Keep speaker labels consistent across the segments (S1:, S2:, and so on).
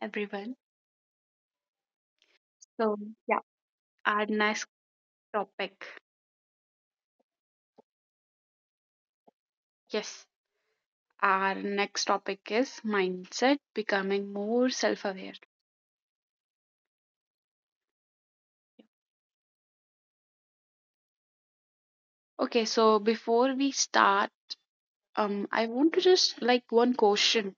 S1: everyone. So, yeah, our next topic. Yes, our next topic is mindset, becoming more self-aware. Okay, so before we start, I want to just like one question,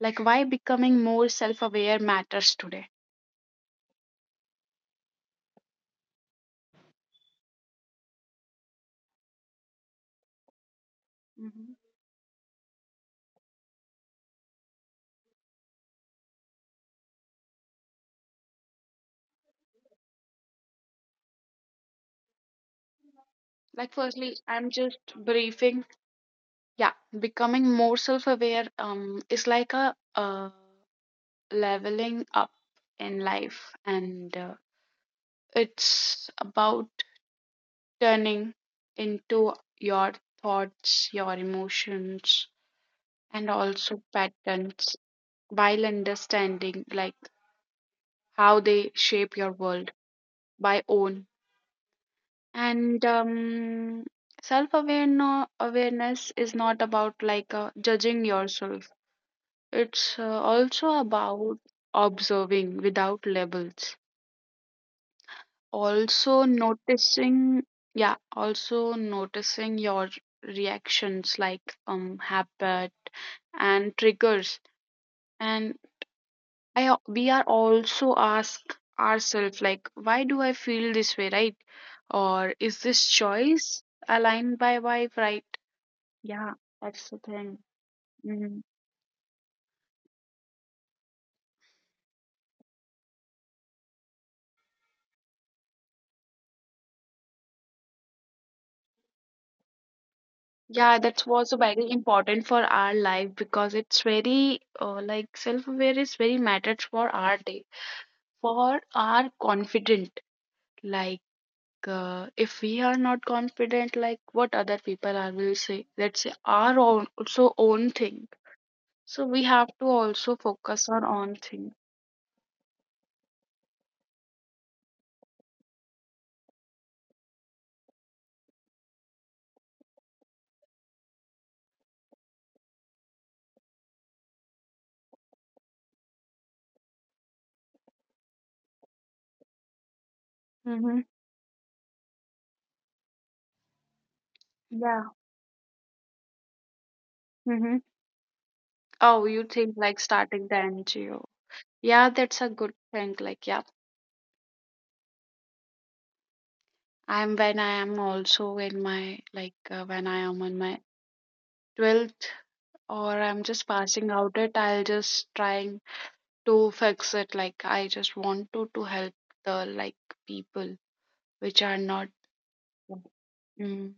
S1: like why becoming more self-aware matters today. hmm Like, firstly, I'm just briefing. Yeah, becoming more self-aware is like a uh leveling up in life, and it's about turning into your thoughts, your emotions, and also patterns while understanding like how they shape your world by own. And self awareness is not about like judging yourself. It's also about observing without labels, also noticing, yeah, also noticing your reactions like habit and triggers, and we are also ask ourselves like, why do I feel this way, right? Or is this choice aligned by why, right? Yeah, that's the thing. Mhm. Yeah, that's also very important for our life because it's very like self-aware is very matters for our day, for are confident like if we are not confident like what other people are will say, let's say our own also own thing, so we have to also focus on own thing. Mm-hmm. Yeah. Mm-hmm. Oh, you think like starting the NGO, yeah, that's a good thing. Like, yeah, I'm when I am also in my like when I am on my 12th or I'm just passing out it, I'll just try to fix it, like I just want to help the like people which are not. Mm.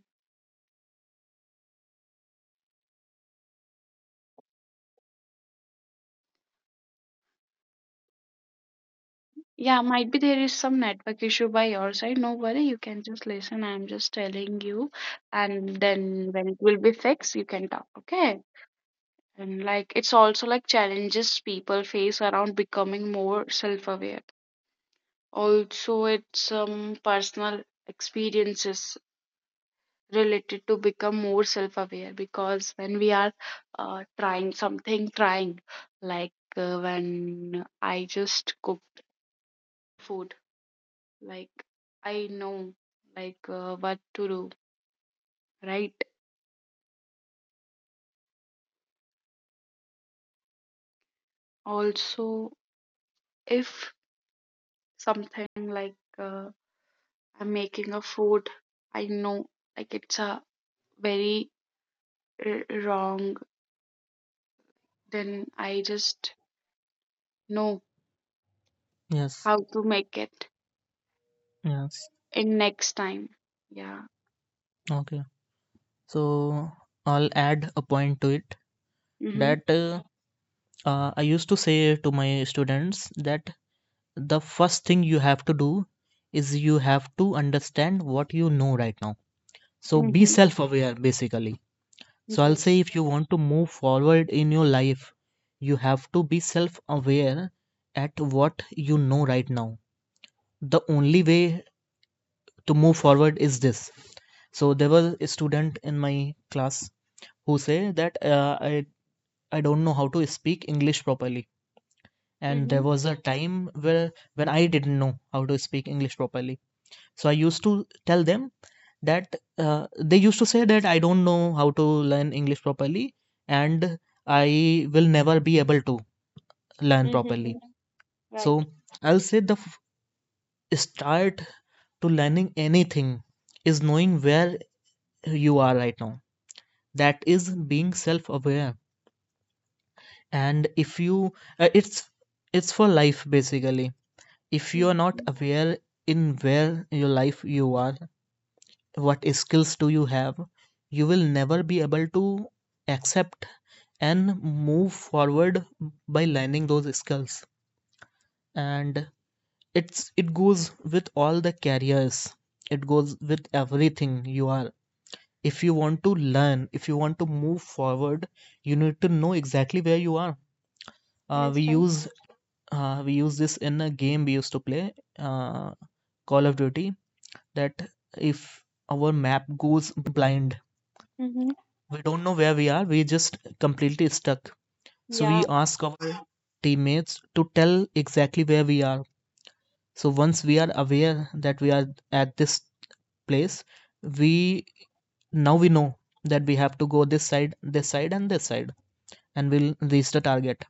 S1: Yeah, might be there is some network issue by your side, no worry, you can just listen, I'm just telling you, and then when it will be fixed you can talk, okay? And like it's also like challenges people face around becoming more self-aware, also it's some personal experiences related to become more self-aware, because when we are trying something, trying like when I just cook food, like I know like what to do, right? Also if something like I'm making a food, I know like it's a very wrong, then I just know
S2: Yes,
S1: how to make it
S2: yes.
S1: in next time. Yeah.
S2: Okay. So I'll add a point to it
S1: Mm-hmm.
S2: that I used to say to my students that the first thing you have to do is you have to understand what you know right now. So be
S1: Mm-hmm.
S2: self aware basically. So I'll say
S1: Yes.
S2: if you want to move forward in your life, you have to be self aware at what you know right now. The only way to move forward is this. So there was a student in my class who say that I don't know how to speak English properly. And
S1: Mm-hmm.
S2: there was a time where when I didn't know how to speak English properly. So I used to tell them that they used to say that I don't know how to learn English properly and I will never be able to learn
S1: Mm-hmm.
S2: properly.
S1: Right.
S2: So I'll say the start to learning anything is knowing where you are right now. That is being self aware. And if you uh, it's it's for life basically. If you are not
S1: Mm-hmm.
S2: aware in where your life you are, what skills do you have, you will never be able to accept and move forward by learning those skills. And it goes with all the careers, it goes with everything you are. If you want to learn, if you want to move forward, you need to know exactly where you are. uh,
S1: Yes,
S2: we
S1: right.
S2: use uh, we use this in a game we used to play, uh, Call of Duty, that if our map goes blind,
S1: Mm-hmm.
S2: we don't know where we are, we just completely stuck. So we
S1: Yeah.
S2: ask our teammates to tell exactly where we are. So once we are aware that we are at this place, we now we know that we have to go this side, this side, and this side, and we'll reach the target.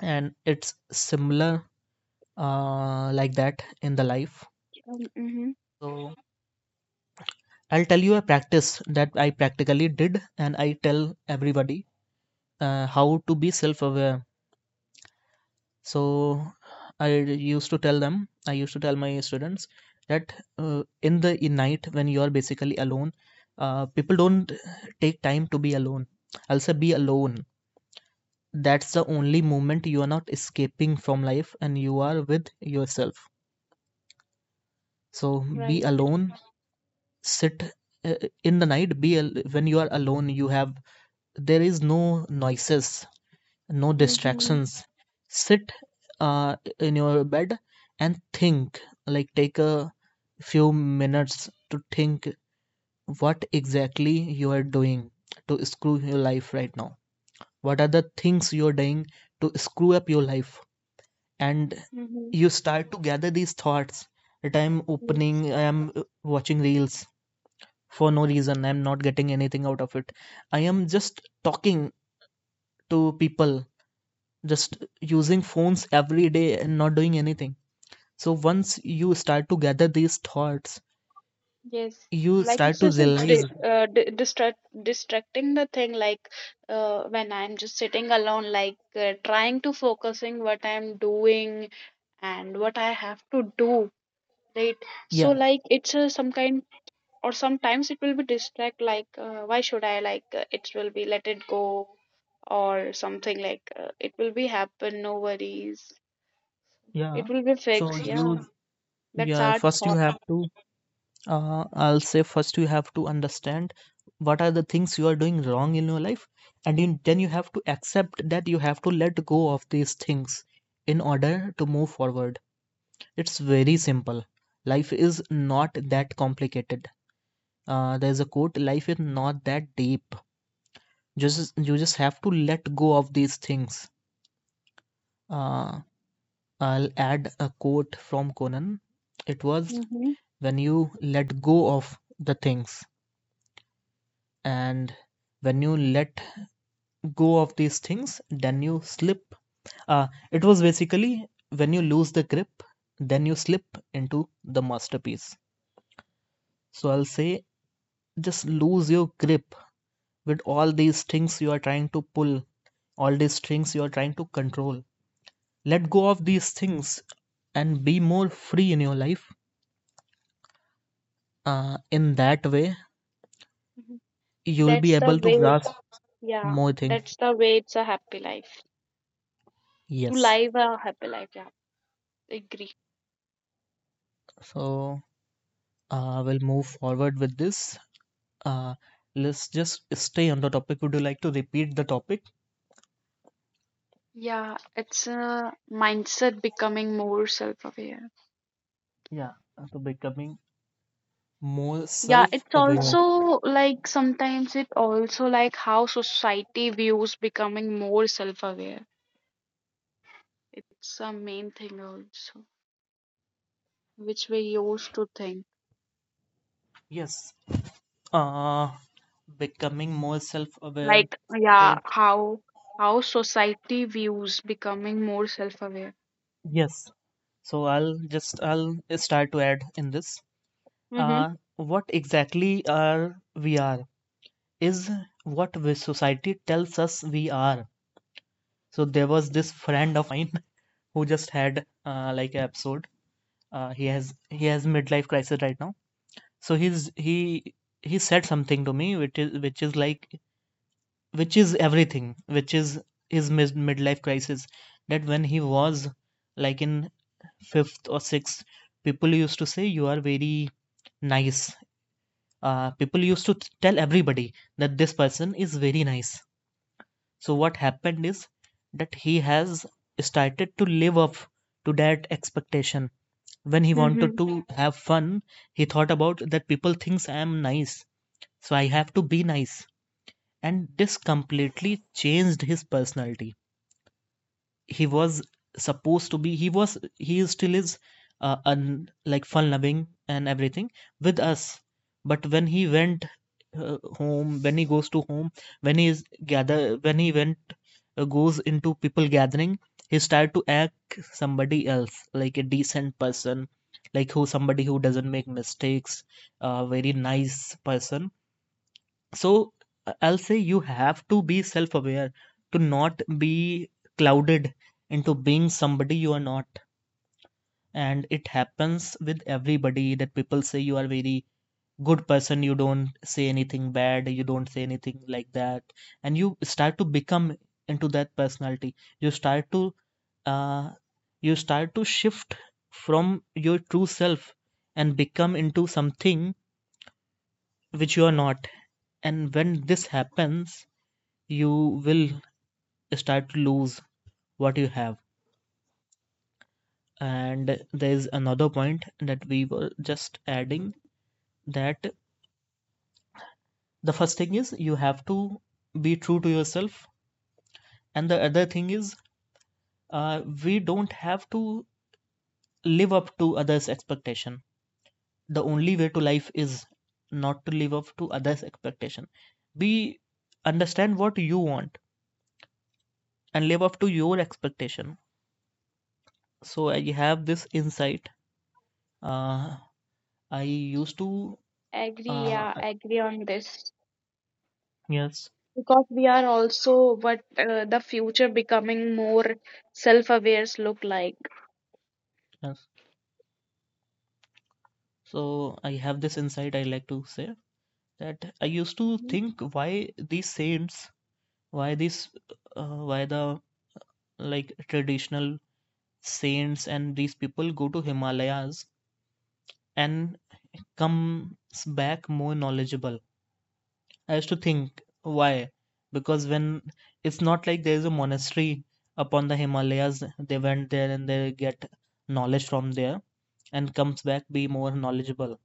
S2: And it's similar like that in the life.
S1: Mm-hmm.
S2: So I'll tell you a practice that I practically did, and I tell everybody how to be self aware. So, I used to tell them, I used to tell my students that in night when you are basically alone, people don't take time to be alone. I'll say, be alone. That's the only moment you are not escaping from life and you are with yourself. So, be
S1: Right.
S2: alone, sit uh, in the night, when you are alone, you have there is no noises, no
S1: Mm-hmm.
S2: distractions. Sit in your bed and think, like take a few minutes to think what exactly you are doing to screw your life right now, what are the things you're doing to screw up your life. And
S1: Mm-hmm.
S2: you start to gather these thoughts that I'm
S1: Yes.
S2: opening, I'm watching reels for no reason, I'm not getting anything out of it, I am just talking to people, just using phones every day and not doing anything. So once you start to gather these thoughts,
S1: Yes.
S2: you
S1: Like
S2: start
S1: it's
S2: to
S1: just a
S2: realize.
S1: di di distract, distracting the thing, like when I'm just sitting alone like trying to focusing what I'm doing and what I have to do, right? So
S2: Yeah,
S1: like it's a some kind, or sometimes it will be distract, like why should I like it will be let it go, or something like it will be happen, no worries,
S2: yeah.
S1: it will be
S2: So
S1: fixed.
S2: you,
S1: Yeah, that's
S2: yeah,
S1: our
S2: first you
S1: thought.
S2: have to I'll say first you have to understand what are the things you are doing wrong in your life, and you, then you have to accept that you have to let go of these things in order to move forward. It's very simple, life is not that complicated. There's a quote, life is not that deep, just you just have to let go of these things. uh, I'll add a quote from Conan. It was
S1: Mm-hmm.
S2: when you let go of the things, and when you let go of these things, then you slip. It was basically when you lose the grip, then you slip into the masterpiece. So I'll say just lose your grip with all these things you are trying to pull, all these strings you are trying to control, let go of these things and be more free in your life. In that way you will be
S1: That's the
S2: able to
S1: way.
S2: grasp
S1: Yeah,
S2: more things.
S1: that's the way. It's a happy life, to
S2: Yes.
S1: live a happy life. Yeah, agree.
S2: So we'll move forward with this. uh, let's just stay on the topic. Would you like to repeat the topic?
S1: Yeah, it's a mindset becoming more self-aware.
S2: Yeah, so becoming more
S1: Yeah, it's
S2: self-aware.
S1: also like sometimes it also like how society views becoming more self aware. It's a main thing also which we used to think.
S2: Yes. uh Becoming more self-aware.
S1: Like yeah,
S2: So
S1: how society views becoming more self aware.
S2: yes, so I'll start to add in this,
S1: Mm-hmm.
S2: uh what exactly are we are is what society tells us we are. So there was this friend of mine who just had like an episode. He has he has midlife crisis right now. So he said something to me which is everything, which is his midlife crisis, that when he was like in fifth or sixth, people used to say you are very nice, people used to tell everybody that this person is very nice. So what happened is that he has started to live up to that expectation. When he
S1: Mm-hmm.
S2: wanted to have fun, he thought about that people thinks I am nice, so I have to be nice. And this completely changed his personality. He was supposed to be he was he still is, like fun loving and everything with us, but when he goes to home, when he is gather when he went goes into people gathering, he started to act somebody else, like a decent person, like who somebody who doesn't make mistakes, a very nice person. So I'll say you have to be self aware to not be clouded into being somebody you are not. And it happens with everybody that people say you are very good person, you don't say anything bad, you don't say anything like that. And you start to become into that personality. You start to uh, you start to shift from your true self and become into something which you are not. And when this happens, you will start to lose what you have. And there's another point that we were just adding, that the first thing is you have to be true to yourself, and the other thing is we don't have to live up to others' expectation. The only way to life is not to live up to others' expectation. Be understand what you want and live up to your expectation. So I have this insight. Uh, I used to.
S1: Agree,
S2: Uh,
S1: yeah, agree on this.
S2: Yes,
S1: Because we are also what the future becoming more self awares look like.
S2: yes. So I have this insight, I like to say that I used to
S1: Mm-hmm.
S2: think why these saints, why these, why the like traditional saints and these people go to Himalayas and comes back more knowledgeable. I used to think why, because when it's not like there is a monastery upon the Himalayas, they went there and they get knowledge from there and comes back be more knowledgeable.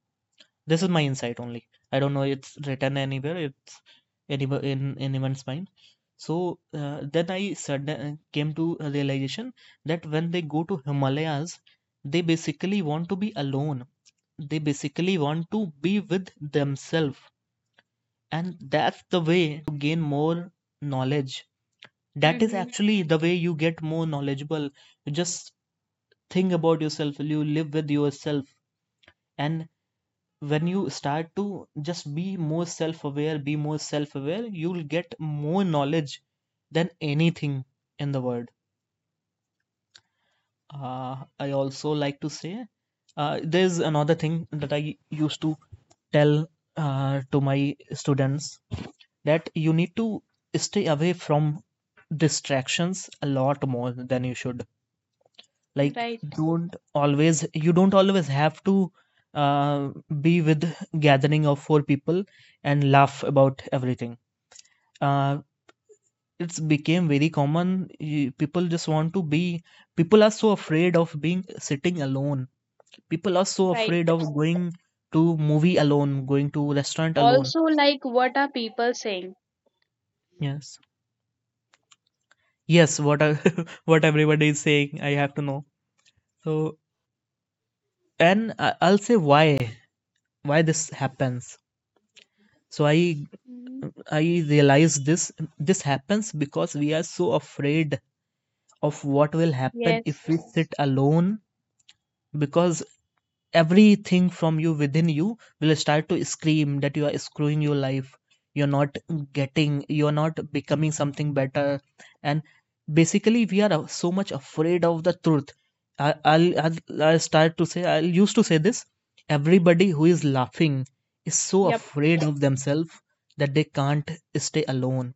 S2: This is my insight only. I don't know it's written anywhere. It's anywhere in anyone's mind. So then I sudden came to a realization that when they go to Himalayas, they basically want to be alone. They basically want to be with themselves, and that's the way to gain more knowledge. That is
S1: Mm-hmm.
S2: actually the way you get more knowledgeable. You just think about yourself, you live with yourself, and when you start to just be more self-aware, be more self-aware, you'll get more knowledge than anything in the world. I also like to say, there's another thing that I used to tell to my students, that you need to stay away from distractions a lot more than you should. Like
S1: Right,
S2: don't always you don't always have to uh, be with gathering of four people and laugh about everything. uh, it's became very common. People just want to be, people are so afraid of being sitting alone, people are so
S1: right.
S2: afraid of going to movie alone, going to restaurant alone.
S1: Also, like, what are people saying?
S2: Yes, yes. What everybody is saying I have to know. So I'll say why this happens. So i
S1: hmm
S2: I realize this, this happens because we are so afraid of what will happen
S1: Yes.
S2: if we sit alone, because everything from you within you will start to scream that you are screwing your life, you're not getting, you're not becoming something better. And basically we are so much afraid of the truth. I'll start to say, I used to say this, everybody who is laughing is so
S1: Yep.
S2: afraid of themselves that they can't stay alone,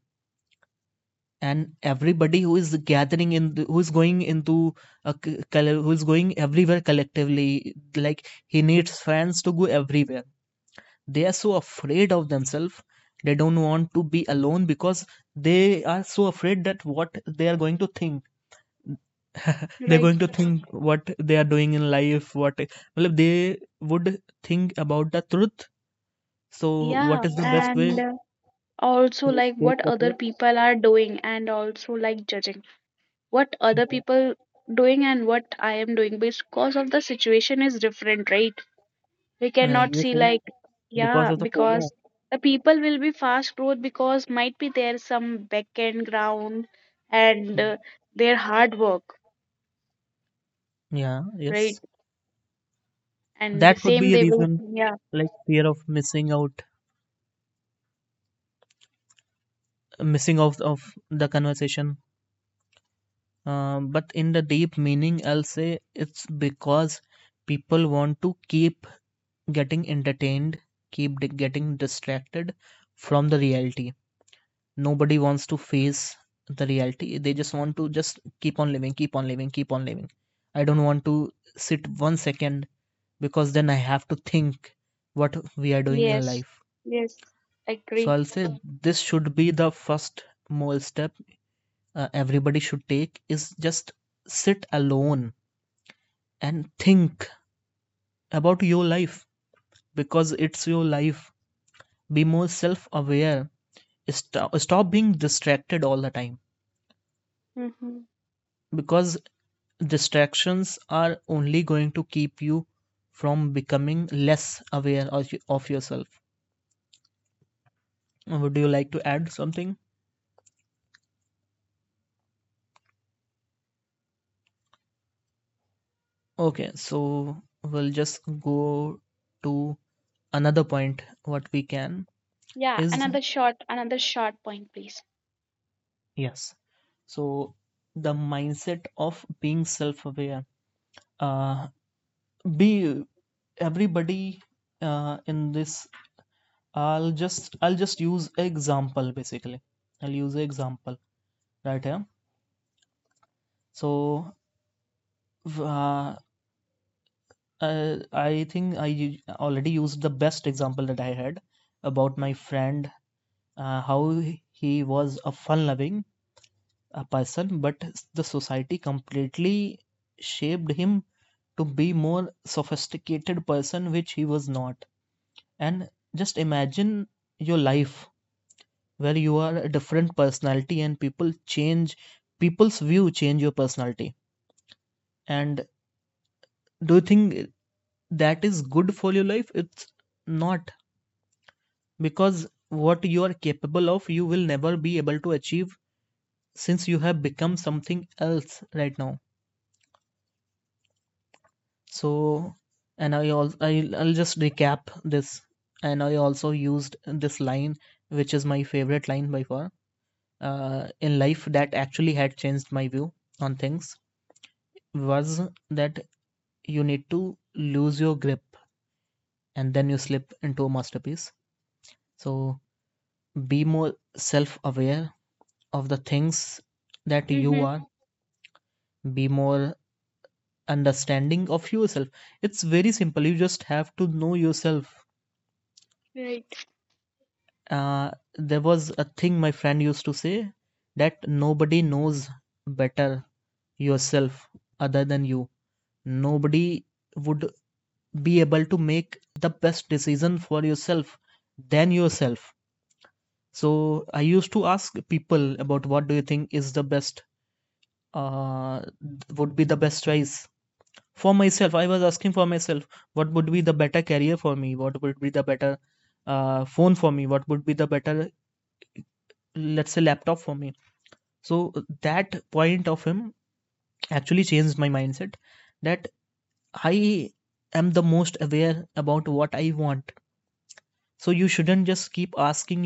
S2: and everybody who is gathering in the, who is going into who is going everywhere collectively, like he needs friends to go everywhere, they are so afraid of themselves, they don't want to be alone because they are so afraid that what they are going to think, they're going
S1: Right.
S2: to think what they are doing in life, what well, they would think about the truth. So what
S1: Yeah.
S2: is the best way
S1: And also,
S2: to
S1: like,
S2: escape
S1: what
S2: the
S1: other people are doing, and also, like, judging what other
S2: truth?
S1: people doing and what I am doing, because of the situation is different, right? We cannot
S2: You're
S1: see,
S2: saying
S1: like,
S2: because
S1: yeah,
S2: of the FOMO.
S1: because the people will be fast growth because might be there some back end ground and their hard work,
S2: Yeah,
S1: right?
S2: yes.
S1: And
S2: That could
S1: same
S2: be a
S1: they will,
S2: reason,
S1: yeah.
S2: like fear of missing out of the conversation. But in the deep meaning, I'll say it's because people want to keep getting entertained, keep getting distracted from the reality. Nobody wants to face the reality. They just want to just keep on living, keep on living, keep on living. I don't want to sit 1 second, because then I have to think what we are doing in
S1: Yes,
S2: life.
S1: yes,
S2: So
S1: agree.
S2: I'll say this should be the first small step everybody should take is just sit alone and think about your life, because it's your life. Be more self aware. Stop being distracted all the time,
S1: Mm-hmm.
S2: because distractions are only going to keep you from becoming less aware of yourself. Would you like to add something? Okay, so we'll just go to another point. What we can
S1: Yeah,
S2: is
S1: another short point, please.
S2: yes. So the mindset of being self-aware. Uh, be everybody in this. I'll just use example basically. I'll use example right here. So uh, I think already used the best example that I had about my friend, how he was a fun loving person, but the society completely shaped him to be more sophisticated person which he was not. And just imagine your life where you are a different personality and people change, people's view change your personality. And do you think that is good for your life? It's not, because what you are capable of you will never be able to achieve since you have become something else right now. So, and I also I'll just recap this, and I also used this line, which is my favorite line by far, in life, that actually had changed my view on things, was that you need to lose your grip and then you slip into a masterpiece. So be more self aware of the things that you
S1: Mm-hmm.
S2: are, be more understanding of yourself. It's very simple. You just have to know yourself.
S1: Right,
S2: Uh, there was a thing my friend used to say, that nobody knows better yourself other than you. Nobody would be able to make the best decision for yourself than yourself. So I used to ask people about what do you think is the best, uh, would be the best choice for myself. I was asking for myself, what would be the better career for me, what would be the better phone for me, what would be the better, let's say, laptop for me. So that point of him actually changed my mindset that I am the most aware about what I want. So you shouldn't just keep asking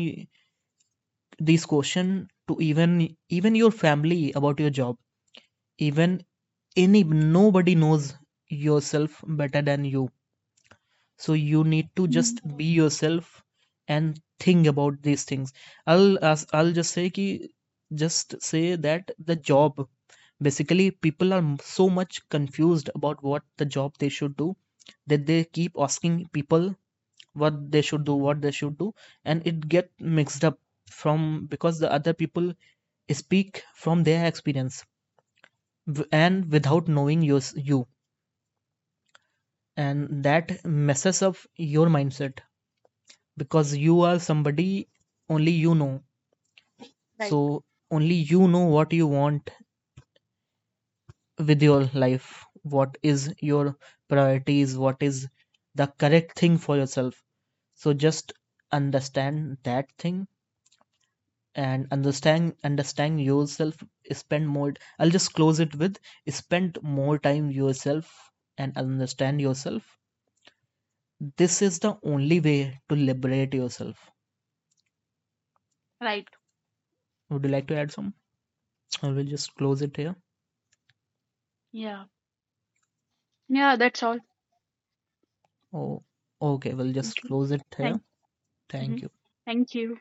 S2: these question to even your family about your job, even any nobody knows yourself better than you. So you need to
S1: Mhm,
S2: just be yourself and think about these things. I'll just say that the job, basically, people are so much confused about what the job they should do, that they keep asking people what they should do, what they should do, and it get mixed up from, because the other people speak from their experience and without knowing yours, you, and that messes up your mindset, because you are somebody only you know.
S1: right,
S2: So only you know what you want with your life, what is your priorities, what is the correct thing for yourself. So just understand that thing and understand yourself. Spend more I'll just close it with spend more time yourself and understand yourself. This is the only way to liberate yourself.
S1: right.
S2: Would you like to add some I will just close it here.
S1: Yeah, yeah, that's all.
S2: Oh, okay. We'll just
S1: Okay.
S2: close it here.
S1: Thank. Mm-hmm.
S2: Thank you.
S1: Thank you.